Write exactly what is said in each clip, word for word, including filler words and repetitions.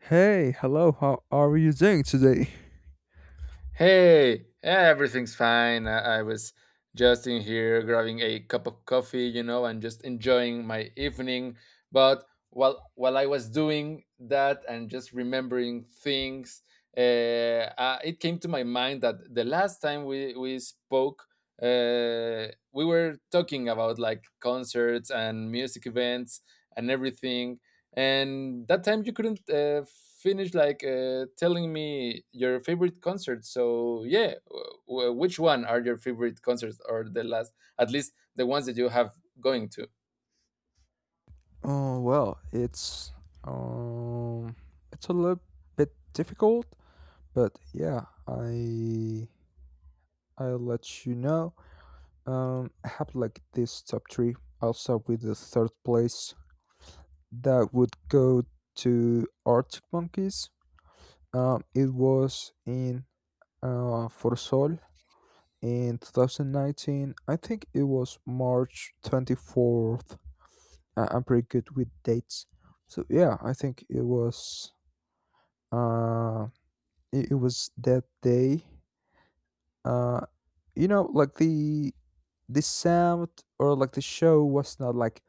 Hey, hello. How are you doing today? Hey, yeah, everything's fine. I, I was just in here grabbing a cup of coffee, you know, and just enjoying my evening. But while while I was doing that and just remembering things, uh, uh, it came to my mind that the last time we we spoke, uh, we were talking about like concerts and music events and everything, and that time you couldn't uh, finish like uh, telling me your favorite concert. So yeah, w- w- which one are your favorite concerts, or the last, at least the ones that you have going to. Oh, well, it's um it's a little bit difficult, but yeah, I I'll let you know. Um I have like this top three. I'll start with the third place that would go to Arctic Monkeys. Um it was in uh For Sol in twenty nineteen. I think it was March twenty-fourth. I- I'm pretty good with dates. So yeah, I think it was uh it, it was that day. Uh you know, like the the sound, or like the show was not like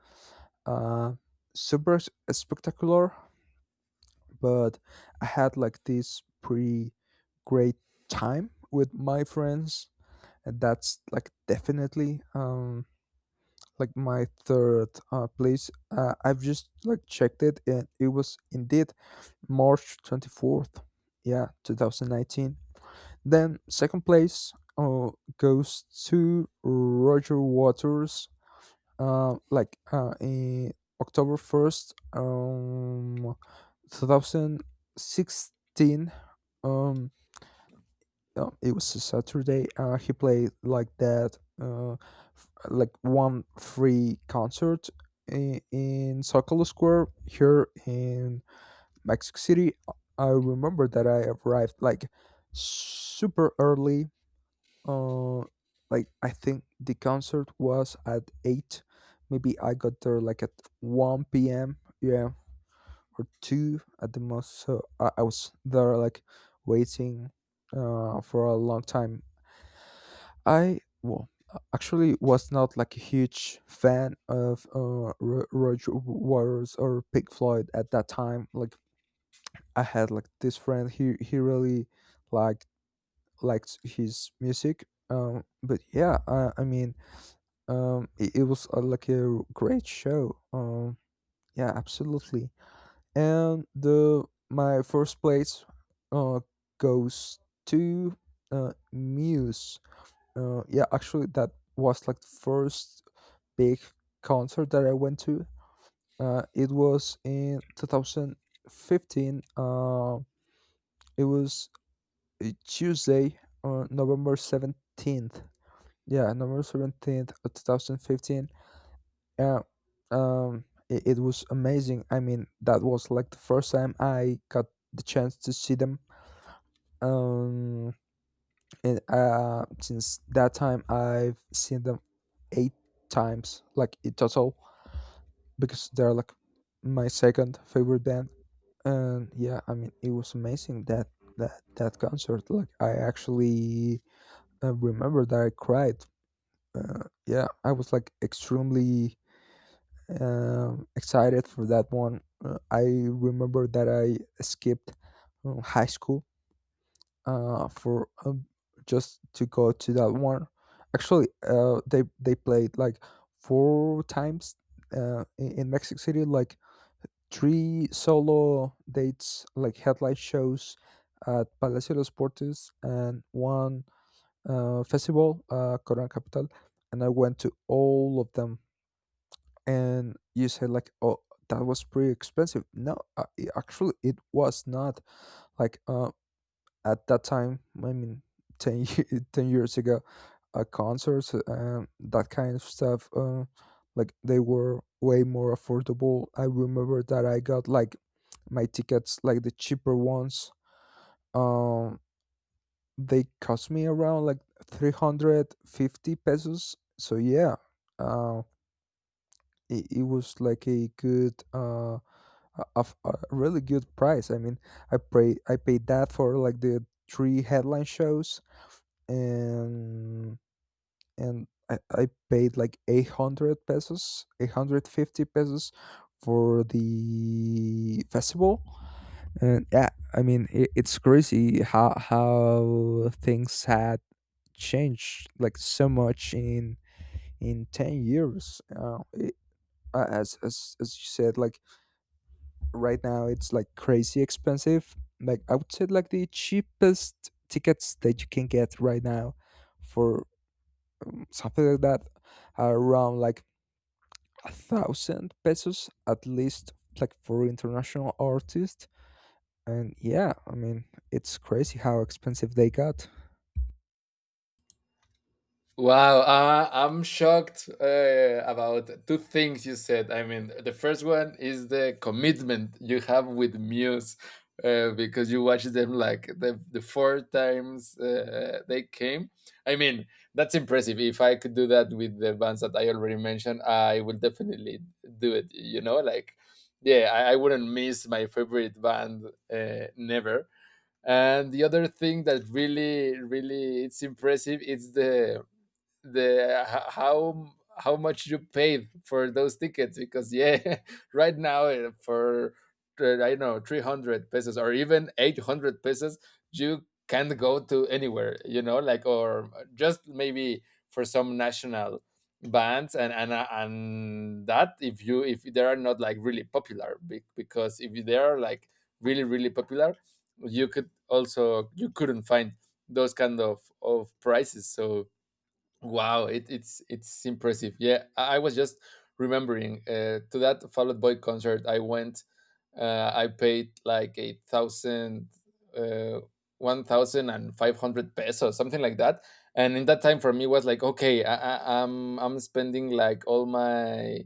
uh super s- spectacular, but I had like this pretty great time with my friends, and that's like definitely, um like my third, uh, place. Uh, I've just like checked it, and it was indeed March twenty-fourth, yeah, two thousand nineteen. Then second place, uh, goes to Roger Waters, uh, like uh, in October first, um, twenty sixteen. Um, no, it was a Saturday. Uh, he played like that, uh, f- like one free concert in, in Zocalo Square here in Mexico City. I remember that I arrived like super early. Uh, like I think the concert was at eight. Maybe I got there like at one p m. Yeah, or two at the most. So I, I was there like waiting, uh, for a long time. I well, a- actually was not like a huge fan of uh, Ro- Roger Waters or Pink Floyd at that time. Like I had like this friend, he he really liked liked his music. Um, but yeah, uh, I mean, um, it, it was, uh, like a great show. Um, yeah, absolutely. And the my first place uh goes to uh Muse. Uh, yeah, actually, that was like the first big concert that I went to. Uh, it was in twenty fifteen. Uh, it was a Tuesday, uh, November seventeenth. Yeah, November seventeenth, twenty fifteen. Yeah, um, it, it was amazing. I mean, that was like the first time I got the chance to see them. Um, and uh, since that time I've seen them eight times, like in total, because they're like my second favorite band. And yeah, I mean, it was amazing, that that that concert. Like, I actually, uh, remember that I cried. Uh, yeah, I was like extremely, um, excited for that one. Uh, I remember that I skipped, um, high school uh for um, just to go to that one. Actually, uh they they played like four times uh in, in Mexico City, like three solo dates, like headlight shows at Palacio de los Deportes, and one uh festival, uh Corona Capital, and I went to all of them. And you said like, oh, that was pretty expensive. No, uh, it- actually it was not like, uh at that time, I mean, ten, ye- ten years ago, uh, concerts and that kind of stuff, uh, like they were way more affordable. I remember that I got like my tickets, like the cheaper ones, um they cost me around like three hundred fifty pesos. So yeah, uh, it, it was like a good, uh a, of- a really good price. I mean, i pay I paid that for like the three headline shows. And and I, I paid like eight hundred pesos, eight hundred fifty pesos for the festival. And yeah, I mean, it, it's crazy how how things had changed like so much in in ten years. Uh, it, uh, as, as as you said, like right now it's like crazy expensive. Like I would say, like the cheapest tickets that you can get right now for something like that, around like a thousand pesos at least, like for international artists. And yeah, I mean, it's crazy how expensive they got. Wow, uh, I'm shocked uh, about two things you said. I mean, the first one is the commitment you have with Muse, uh, because you watched them like the, the four times uh, they came. I mean, that's impressive. If I could do that with the bands that I already mentioned, I will definitely do it. You know, like, yeah, I, I wouldn't miss my favorite band, uh, never. And the other thing that really, really it's impressive is the the how how much you paid for those tickets, because yeah, right now uh, for, uh, I don't know, three hundred pesos or even eight hundred pesos you can't go to anywhere, you know like or just maybe for some national bands, and and uh, and that, if you if they are not like really popular, be- because if they are like really really popular, you could also you couldn't find those kind of of prices. So wow, it, it's it's impressive. Yeah, I, I was just remembering uh, to that Fall Out Boy concert I went. Uh, I paid like eight thousand, uh, one thousand and five hundred pesos, something like that. And in that time, for me, was like, okay, I, I, I'm I'm spending like all my,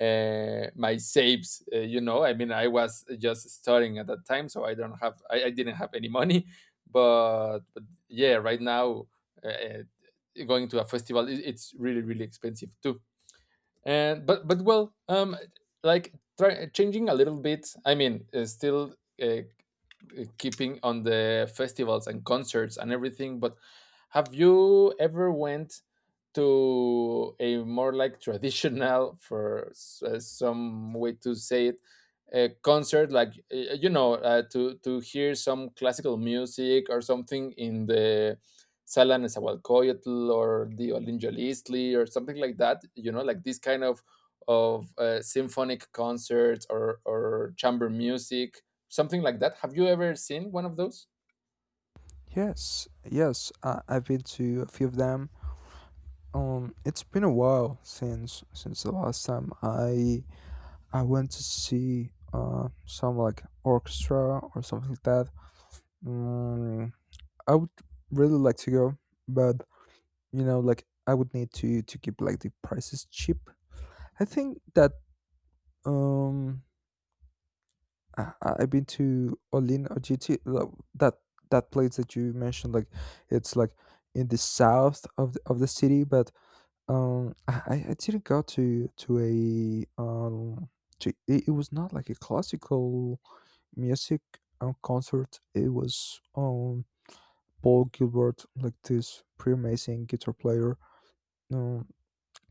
uh, my saves. Uh, you know, I mean, I was just starting at that time, so I don't have, I, I didn't have any money. But, but yeah, right now, Uh, going to a festival it's really really expensive too. And but but well, um like, try, changing a little bit. I mean, uh, still, uh, uh, keeping on the festivals and concerts and everything, but have you ever went to a more like traditional, for s- uh, some way to say it, a concert like, uh, you know uh, to to hear some classical music or something, in the Salan Nezahualcóyotl or the Olinjolistli or something like that. You know, like this kind of of uh, symphonic concerts or or chamber music, something like that. Have you ever seen one of those? Yes, yes I i've been to a few of them. Um it's been a while since since the last time i i went to see, uh some like orchestra or something like that. mm, I would really like to go, but you know like I would need to to keep like the prices cheap. I think that, um I, I- I've been to Olin Ojiti, lo- that that place that you mentioned. Like, it's like in the south of the, of the city. But, um I, I I didn't go to to a, um to, it, it was not like a classical music, um, concert. It was, um Paul Gilbert, like this pretty amazing guitar player. Um,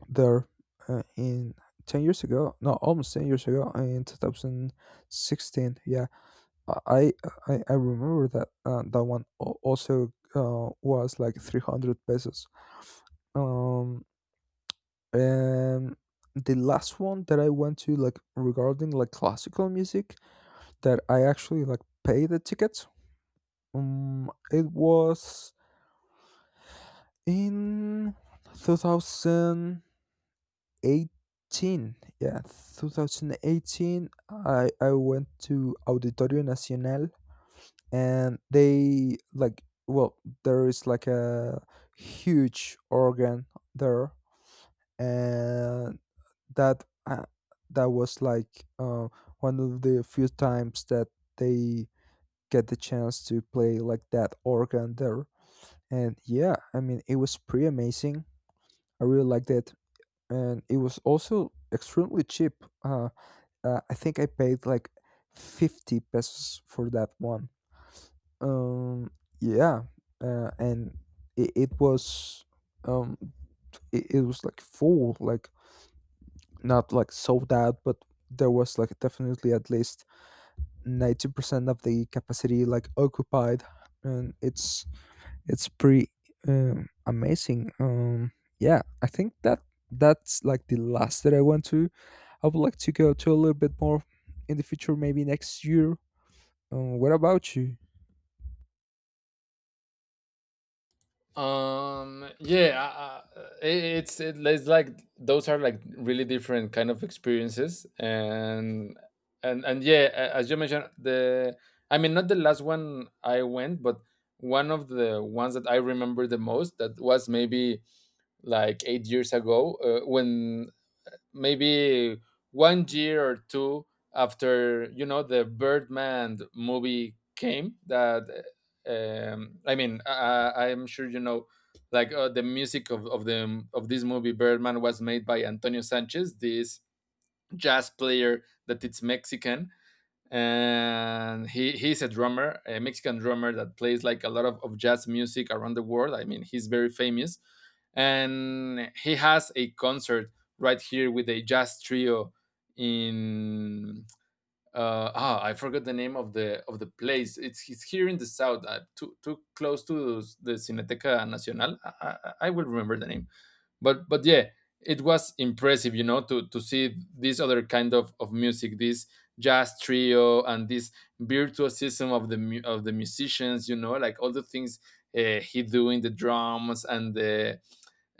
there, uh, in ten years ago, no, almost ten years ago, in two thousand sixteen. Yeah. i i, I remember that, uh, that one al- also, uh, was like three hundred pesos. um and the last one that I went to, like regarding like classical music, that I actually like paid the ticket, um it was in two thousand eighteen. Yeah, twenty eighteen. I i went to Auditorio Nacional, and they, like, well, there is like a huge organ there. And that, uh, that was like, uh, one of the few times that they get the chance to play like that organ there. And yeah, I mean, it was pretty amazing. I really liked it. And it was also extremely cheap. uh, Uh, I think I paid like fifty pesos for that one. Um, yeah, uh, and it, it was, um, it, it was like full, like not like sold out, but there was like definitely at least ninety percent of the capacity like occupied. And it's it's pretty, um, amazing. Um, yeah, I think that that's like the last that I went to. I would like to go to a little bit more in the future, maybe next year. Um, what about you? Um. Yeah. I, it, it's it, it's like, those are like really different kind of experiences, and and and yeah, a- as you mentioned, the I mean, not the last one I went, but one of the ones that I remember the most, that was maybe like eight years ago, uh, when maybe one year or two after, you know the Birdman movie came, that, uh, um, I mean, I, I'm sure you know, like uh, the music of, of the of this movie Birdman was made by Antonio Sanchez, this jazz player that it's Mexican. And he he's a drummer, a Mexican drummer that plays like a lot of, of jazz music around the world. I mean, he's very famous, and he has a concert right here with a jazz trio in, uh, ah I forgot the name of the, of the place. It's it's here in the south, uh, too too close to the Cineteca Nacional. I, I, I will remember the name, but but yeah, it was impressive, you know to to see this other kind of of music, this jazz trio, and this virtuosism of the mu- of the musicians, you know like all the things, uh, he do in the drums, and the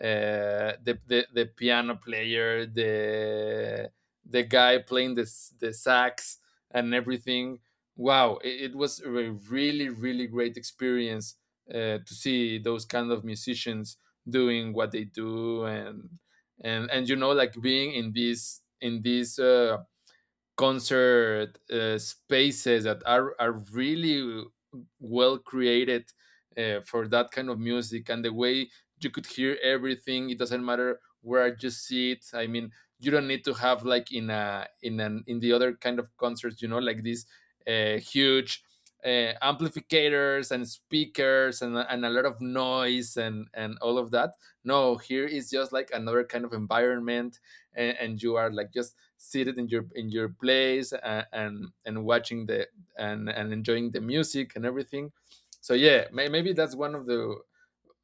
uh, the, the the piano player, the the guy playing the the sax and everything. Wow, it, it was a really really great experience, uh, to see those kind of musicians doing what they do, and and and you know like being in this in this, Uh, concert uh, spaces that are are really well created uh, for that kind of music, and the way you could hear everything, it doesn't matter where you sit. I mean, you don't need to have like, in a in an in the other kind of concerts, you know like these uh, huge uh, amplificators and speakers, and, and a lot of noise and and all of that. No, here is just like another kind of environment, and, and you are like just seated in your in your place, and and, and watching the and and enjoying the music and everything. So yeah, may, maybe that's one of the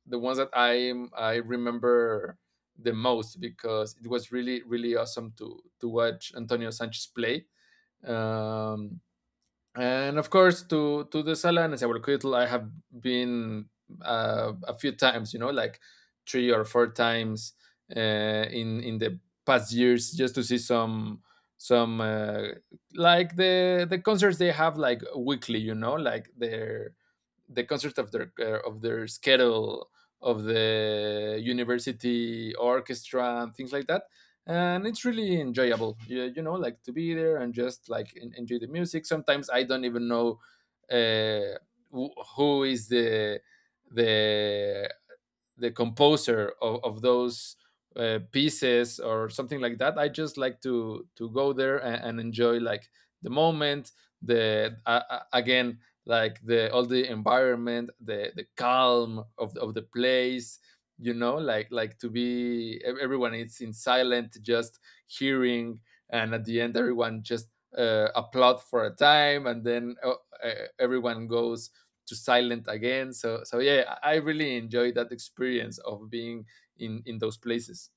the ones that I I remember the most, because it was really really awesome to to watch Antonio Sanchez play. Um, and of course, to to the Sala and Nezahualcóyotl, I have been, uh, a few times, you know, like three or four times, uh, in in the past years, just to see some some uh, like the the concerts they have like weekly, you know, like their the concert of their, uh, of their schedule, of the university orchestra and things like that. And it's really enjoyable, you, you know, like to be there and just like en- enjoy the music. Sometimes I don't even know, uh, wh- who is the the the composer of, of those uh, pieces, or something like that. I just like to to go there and, and enjoy like the moment, the uh, uh, again, like the, all the environment, the the calm of, of the place. You know, like, like to be, ev- everyone is in silent, just hearing, and at the end everyone just uh, applaud for a time, and then, uh, uh, everyone goes to silent again. So so yeah, I I really enjoyed that experience of being in in those places.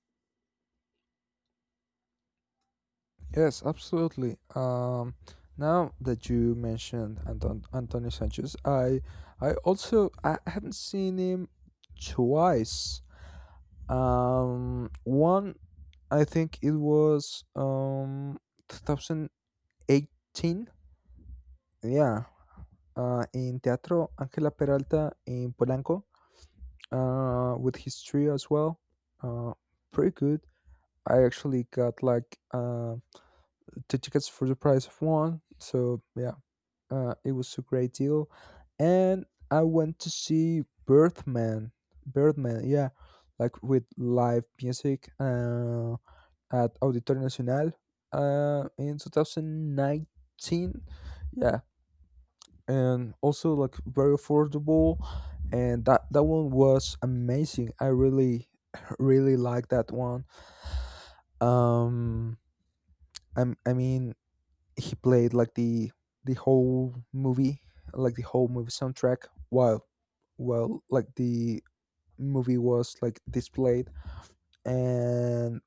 Yes, absolutely. Um, now that you mentioned Anton Antonio Sanchez, I I also I haven't seen him twice. Um, one, I think it was, um two thousand eighteen. Yeah, uh, in Teatro Angela Peralta in Polanco, uh, with his trio as well. Uh, Pretty good. I actually got like, uh, the tickets for the price of one. So yeah, uh, it was a great deal. And I went to see Birdman. Birdman, yeah, like with live music, uh, at Auditorio Nacional, uh, in twenty nineteen. Yeah, and also like very affordable, and that that one was amazing. I really, really like that one. Um, I'm, I mean, he played like the the whole movie, like the whole movie soundtrack, while while like the movie was like displayed. And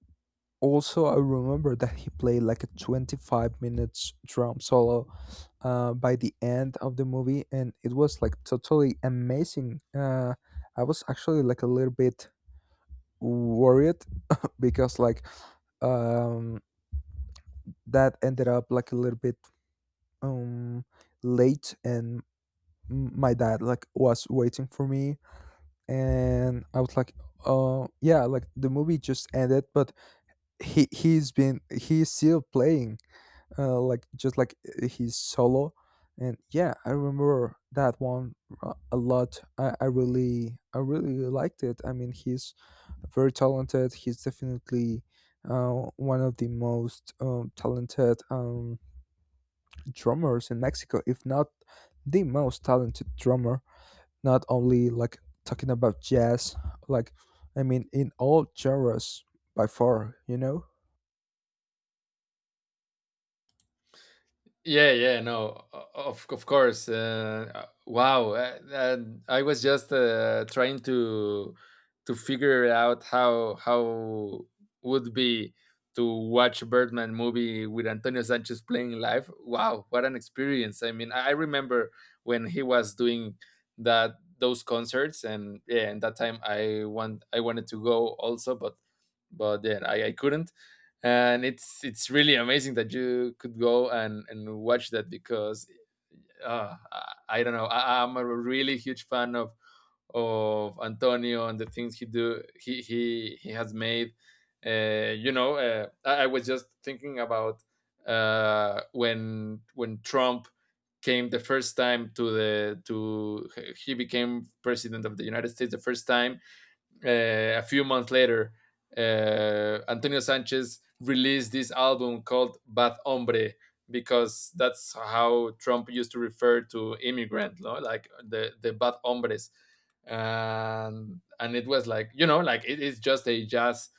also I remember that he played like a twenty-five minutes drum solo, uh, by the end of the movie, and it was like totally amazing. Uh, I was actually like a little bit worried because like, um that ended up like a little bit, um late, and m- my dad like was waiting for me, and I was like, uh yeah, like the movie just ended, but he he's been he's still playing, uh like just like, uh, he's solo. And yeah, I remember that one, uh, a lot. I, I really i really liked it. I mean, he's very talented. He's definitely, uh, one of the most, um, talented, um, drummers in Mexico, if not the most talented drummer, not only like talking about jazz, like I mean in all genres, by far, you know? Yeah, yeah, no, o- of of course. Uh, uh, wow, uh, and I was just uh, trying to to figure out how how would be to watch Birdman movie with Antonio Sanchez playing live. Wow, what an experience! I mean, I I remember when he was doing that those concerts, and yeah, and that time I want I wanted to go also, but but yeah, I, I couldn't. And it's it's really amazing that you could go and and watch that, because uh, I, I don't know, I, I'm a really huge fan of of Antonio, and the things he do he he he has made. Uh, you know, uh, I, I was just thinking about, uh, when when Trump came the first time to the, to he became president of the United States the first time, uh, a few months later, uh, Antonio Sanchez released this album called Bad Hombre, because that's how Trump used to refer to immigrant, no? Like the, the bad hombres. And, and it was like, you know, like, it is just a jazz,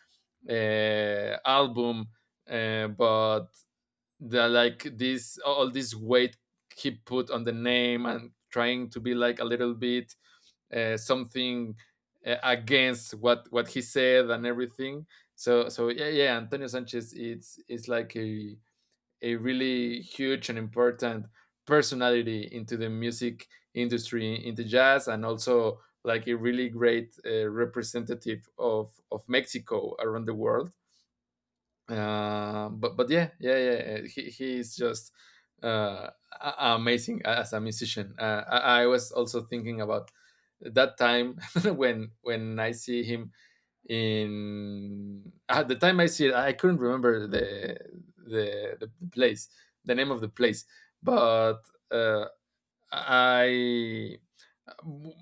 uh, album, uh, but the like this, all this weight he put on the name, and trying to be like a little bit, uh, something uh, against what what he said and everything. So so yeah, yeah, Antonio Sanchez, it's it's like a a really huge and important personality into the music industry, into jazz, and also like a really great, uh, representative of of Mexico around the world. Uh, but but yeah, yeah, yeah. Yeah. He he is just, uh, a- amazing as a musician. Uh, I, I was also thinking about that time when when I see him in at the time I see it, I couldn't remember the the the place, the name of the place, but uh, I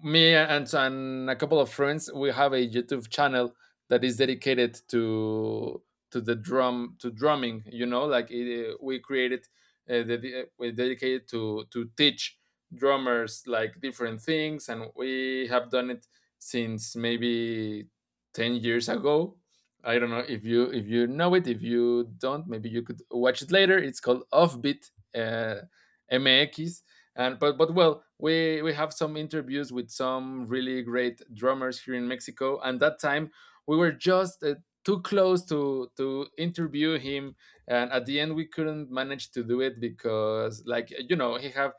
me and, and a couple of friends. We have a YouTube channel that is dedicated to to the drum to drumming, you know like it, eh, we created uh, the, we dedicated to to teach drummers like different things, and we have done it since maybe ten years ago. I don't know if you if you know it. If you don't, maybe you could watch it later. It's called Offbeat uh, M X. And but but well we we have some interviews with some really great drummers here in Mexico, and that time we were just uh, too close to to interview him, and at the end we couldn't manage to do it, because, like, you know, he have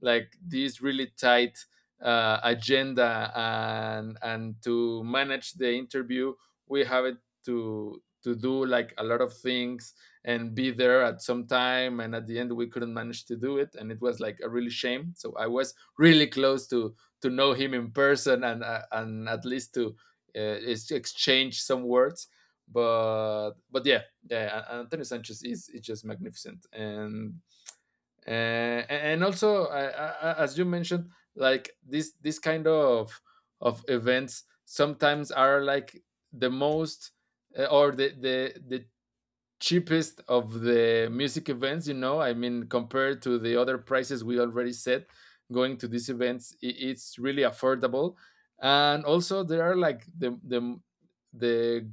like this really tight uh, agenda, and and to manage the interview we have it to to do like a lot of things and be there at some time. And at the end we couldn't manage to do it, and it was like a really shame. So I was really close to to know him in person and, uh, and at least to uh, exchange some words. But but yeah, yeah, A- antonio Sanchez is, is just magnificent. And uh, and also, I, as you mentioned, like, this this kind of of events sometimes are like the most, uh, or the the the cheapest of the music events, you know. I mean, compared to the other prices we already set, going to these events, i- it's really affordable. And also there are like the the the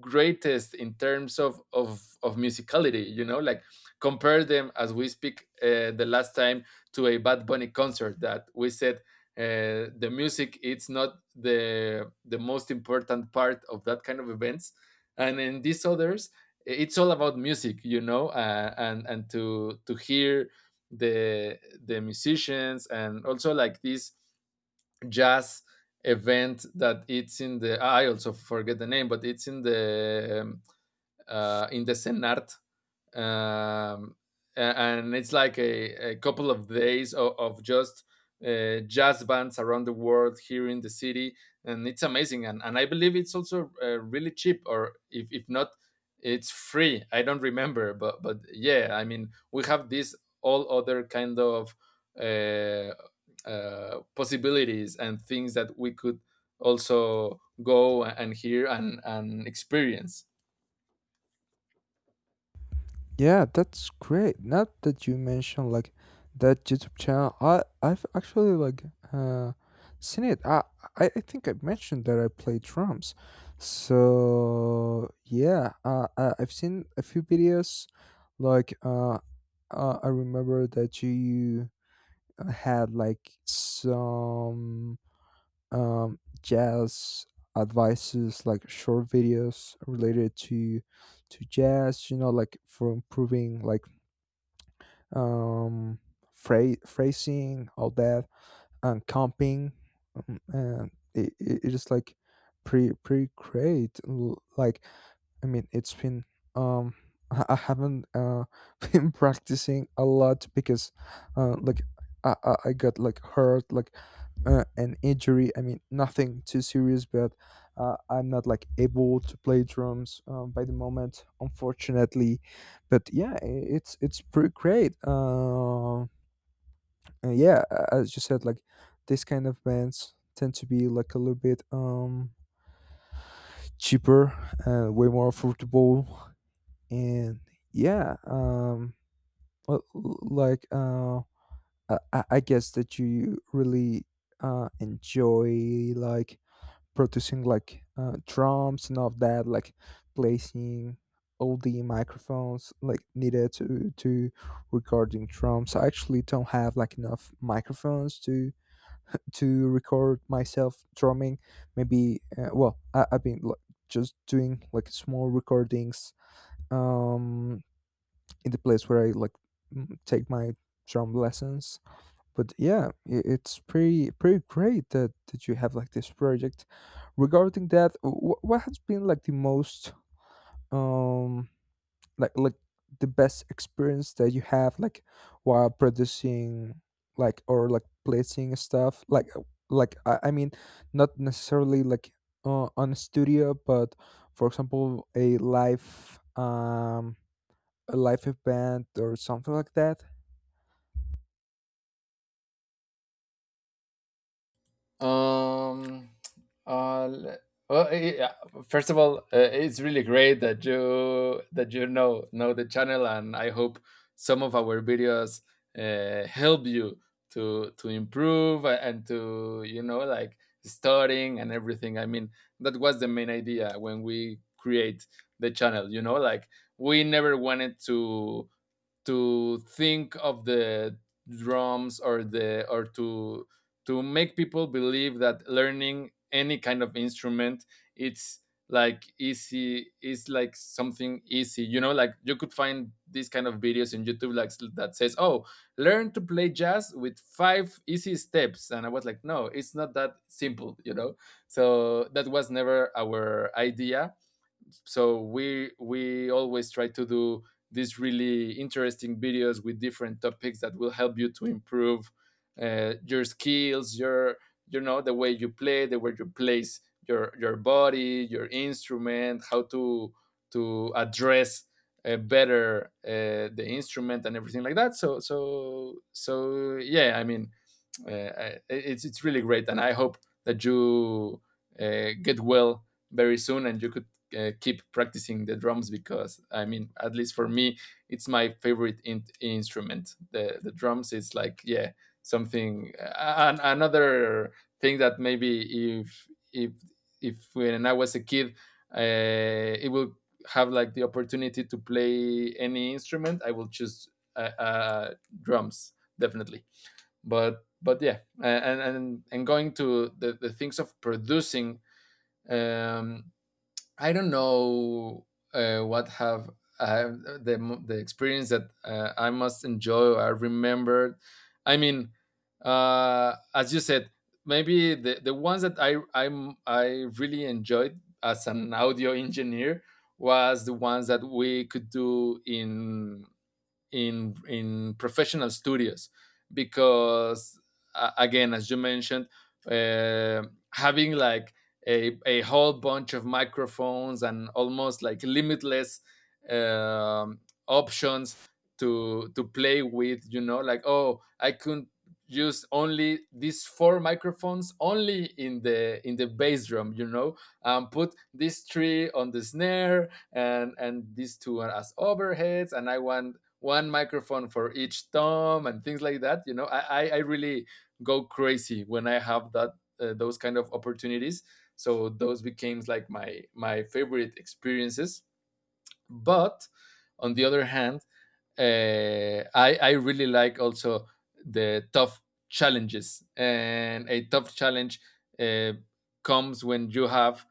greatest in terms of of of musicality, you know, like, compare them. As we speak, uh, the last time, to a Bad Bunny concert that we said, uh, the music, it's not the the most important part of that kind of events, and in these others, it's all about music, you know. uh, and and to to hear the the musicians. And also, like, this jazz event that it's in the — I also forget the name, but it's in the, um, uh, in the Senart, um, a- and it's like a, a couple of days of, of just uh, jazz bands around the world here in the city. And it's amazing, and, and I believe it's also uh, really cheap, or if, if not, it's free. I don't remember. But but yeah, I mean, we have this all other kind of uh, uh, possibilities and things that we could also go and hear and, and experience. Yeah, that's great. Not that you mentioned like that YouTube channel, I I've actually like, uh seen it. I I I think I mentioned that I play drums. So yeah, uh, I- I've seen a few videos. Like, uh, uh I remember that you had like some, um, jazz advices, like short videos related to to jazz. You know, like for improving, like, um phra- phrasing, all that, and comping. Um, and it, it it is like pretty, pretty great. L- like I mean, it's been, um i I haven't, uh been practicing a lot because, uh like, i i I got like hurt, like, uh, an injury. I mean, nothing too serious, but, uh, I'm not like able to play drums, um, by the moment, unfortunately. But yeah, i- it's it's pretty great. Uh, and yeah, a- as you said, like this kind of bands tend to be like a little bit, um cheaper and way more affordable. And yeah, um l- l- like, uh i, I I guess that you really, uh enjoy like producing, like, uh, drums and all of that, like placing all the microphones like needed to to recording drums. I actually don't have like enough microphones to to record myself drumming. Maybe, uh, well, I, I've been like just doing like small recordings, um in the place where I like, m- take my drum lessons. But yeah, i- it's pretty, pretty great that that you have like this project regarding that. Wh- what has been like the most, um like like the best experience that you have, like while producing, like, or like placing stuff like, uh, like, i, I mean, not necessarily like, uh, on a studio, but for example a live, um a live event or something like that? Um, uh, le- well, eh, yeah, first of all, uh, it's really great that you that you know know the channel, and I hope some of our videos uh, help you to to improve a- and to, you know, like, studying and everything. I mean, that was the main idea when we create the channel. You know, like, we never wanted to to think of the drums, or the or to to make people believe that learning any kind of instrument, it's like easy, it's like something easy. You know, like, you could find these kind of videos in YouTube, like, that says, oh, learn to play jazz with five easy steps, and I was like, no, it's not that simple, you know so that was never our idea. So we we always try to do these really interesting videos with different topics that will help you to improve uh, your skills, your you know the way you play, the way you place your your body, your instrument, how to to address uh, better uh, the instrument and everything like that. So so so yeah, I mean, uh, I, it's it's really great, and I hope that you uh, get well very soon, and you could uh, keep practicing the drums, because, I mean, at least for me, it's my favorite in- instrument. The the drums is like, yeah, something an- another thing that maybe if if if, when I was a kid, uh, it will have like the opportunity to play any instrument, I will choose uh, uh, drums, definitely. But but yeah, and and and going to the, the things of producing, um I don't know uh, what have uh, the the experience that uh, I must enjoy, I remembered. I mean, uh as you said, maybe the the ones that i i'm i really enjoyed as an audio engineer was the ones that we could do in in in professional studios, because, uh, again, as you mentioned, uh, having like a, a whole bunch of microphones and almost like limitless um, options to to play with. You know, like, oh, I could use only these four microphones, only in the in the bass drum, you know, um put these three on the snare, and and these two are as overheads, and I want one microphone for each thumb and things like that. You know, I I, really go crazy when I have that uh, those kind of opportunities. So those became like my my favorite experiences. But on the other hand, uh, I I really like also the tough challenges. And a tough challenge uh, comes when you have,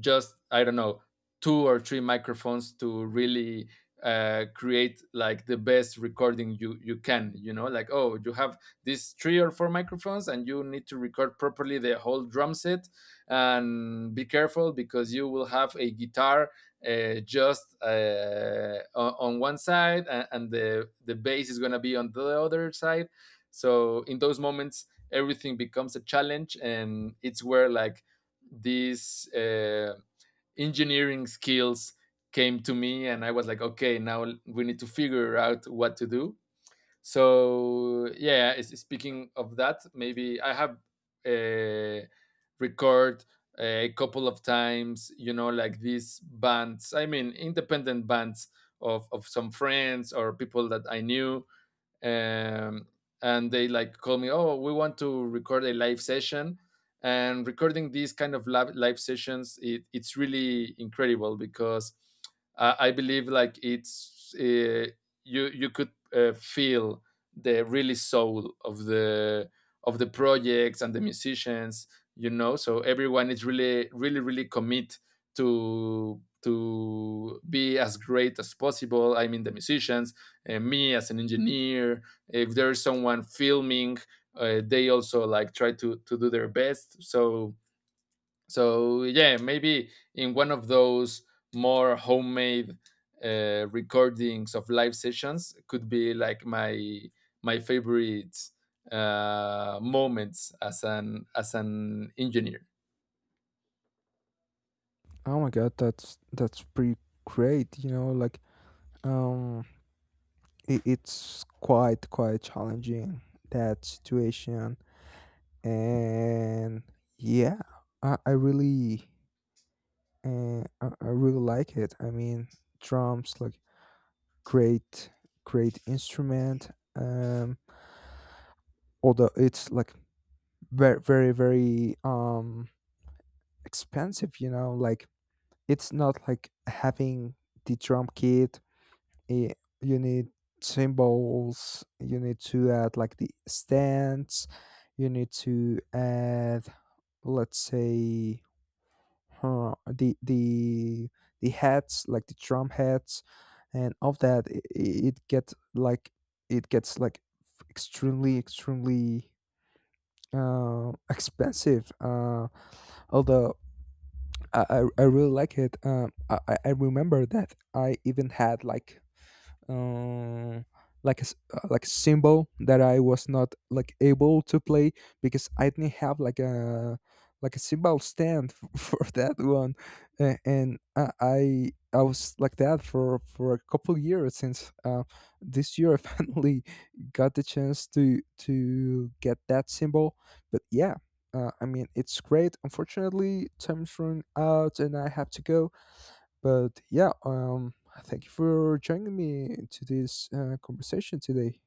just, I don't know, two or three microphones to really uh, create like the best recording you you can. You know, like, oh, you have these three or four microphones, and you need to record properly the whole drum set. And be careful, because you will have a guitar uh, just uh, on, one side, and, and the the bass is gonna be on the other side. So in those moments, everything becomes a challenge, and it's where like these uh, engineering skills came to me, and I was like, okay, now we need to figure out what to do. So, yeah, speaking of that, maybe I have uh, record, eh, a couple of times, you know, like, these bands, I mean, independent bands of, of some friends or people that I knew, um, and they like call me, oh, we want to record a live session. And recording these kind of live, live sessions, it, it's really incredible, because I, I believe like it's, uh, you you could uh, feel the really soul of the of the projects and the musicians, you know. So everyone is really really really commit to to be as great as possible. I mean, the musicians, uh, me as an engineer, if there's someone filming, uh, they also like try to to do their best. So so yeah, maybe in one of those more homemade uh, recordings of live sessions could be like my my favorite uh, moments as an as an engineer. Oh my god, that's that's pretty great. You know, like, Um, it, it's quite quite challenging, that situation. And yeah, I, I really uh, I, I really like it. I mean, drums, like, great great instrument. Um, Although it's like very, very, very, um expensive. You know, like it's not like having the drum kit. eh, you need symbols, you need to add like the stands, you need to add, let's say, huh, the the the hats, like the drum hats, and of that, it, it gets like, it gets like extremely, extremely uh, expensive. Uh, although I, I I really like it. um, I, I I remember that I even had like, uh, like a s- uh, like a symbol that I was not like able to play because I didn't have like a, like a symbol stand, f- for that one. Uh, and I I I was like that for for a couple years. Since, uh, this year I finally got the chance to to get that symbol. But yeah, uh, I mean it's great. Unfortunately, time's run out and I have to go, but yeah, um, thank you for joining me to this, uh, conversation today.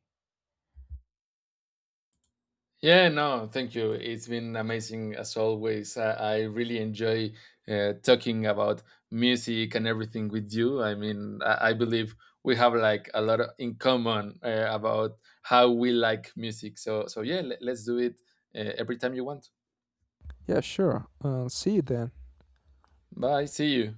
Yeah. No, thank you. It's been amazing as always. I, I really enjoy uh, talking about music and everything with you. I mean, I, I believe we have like a lot in common uh, about how we like music. So, so yeah, let, let's do it uh, every time you want. Yeah, sure. Uh, see you then. Bye. See you.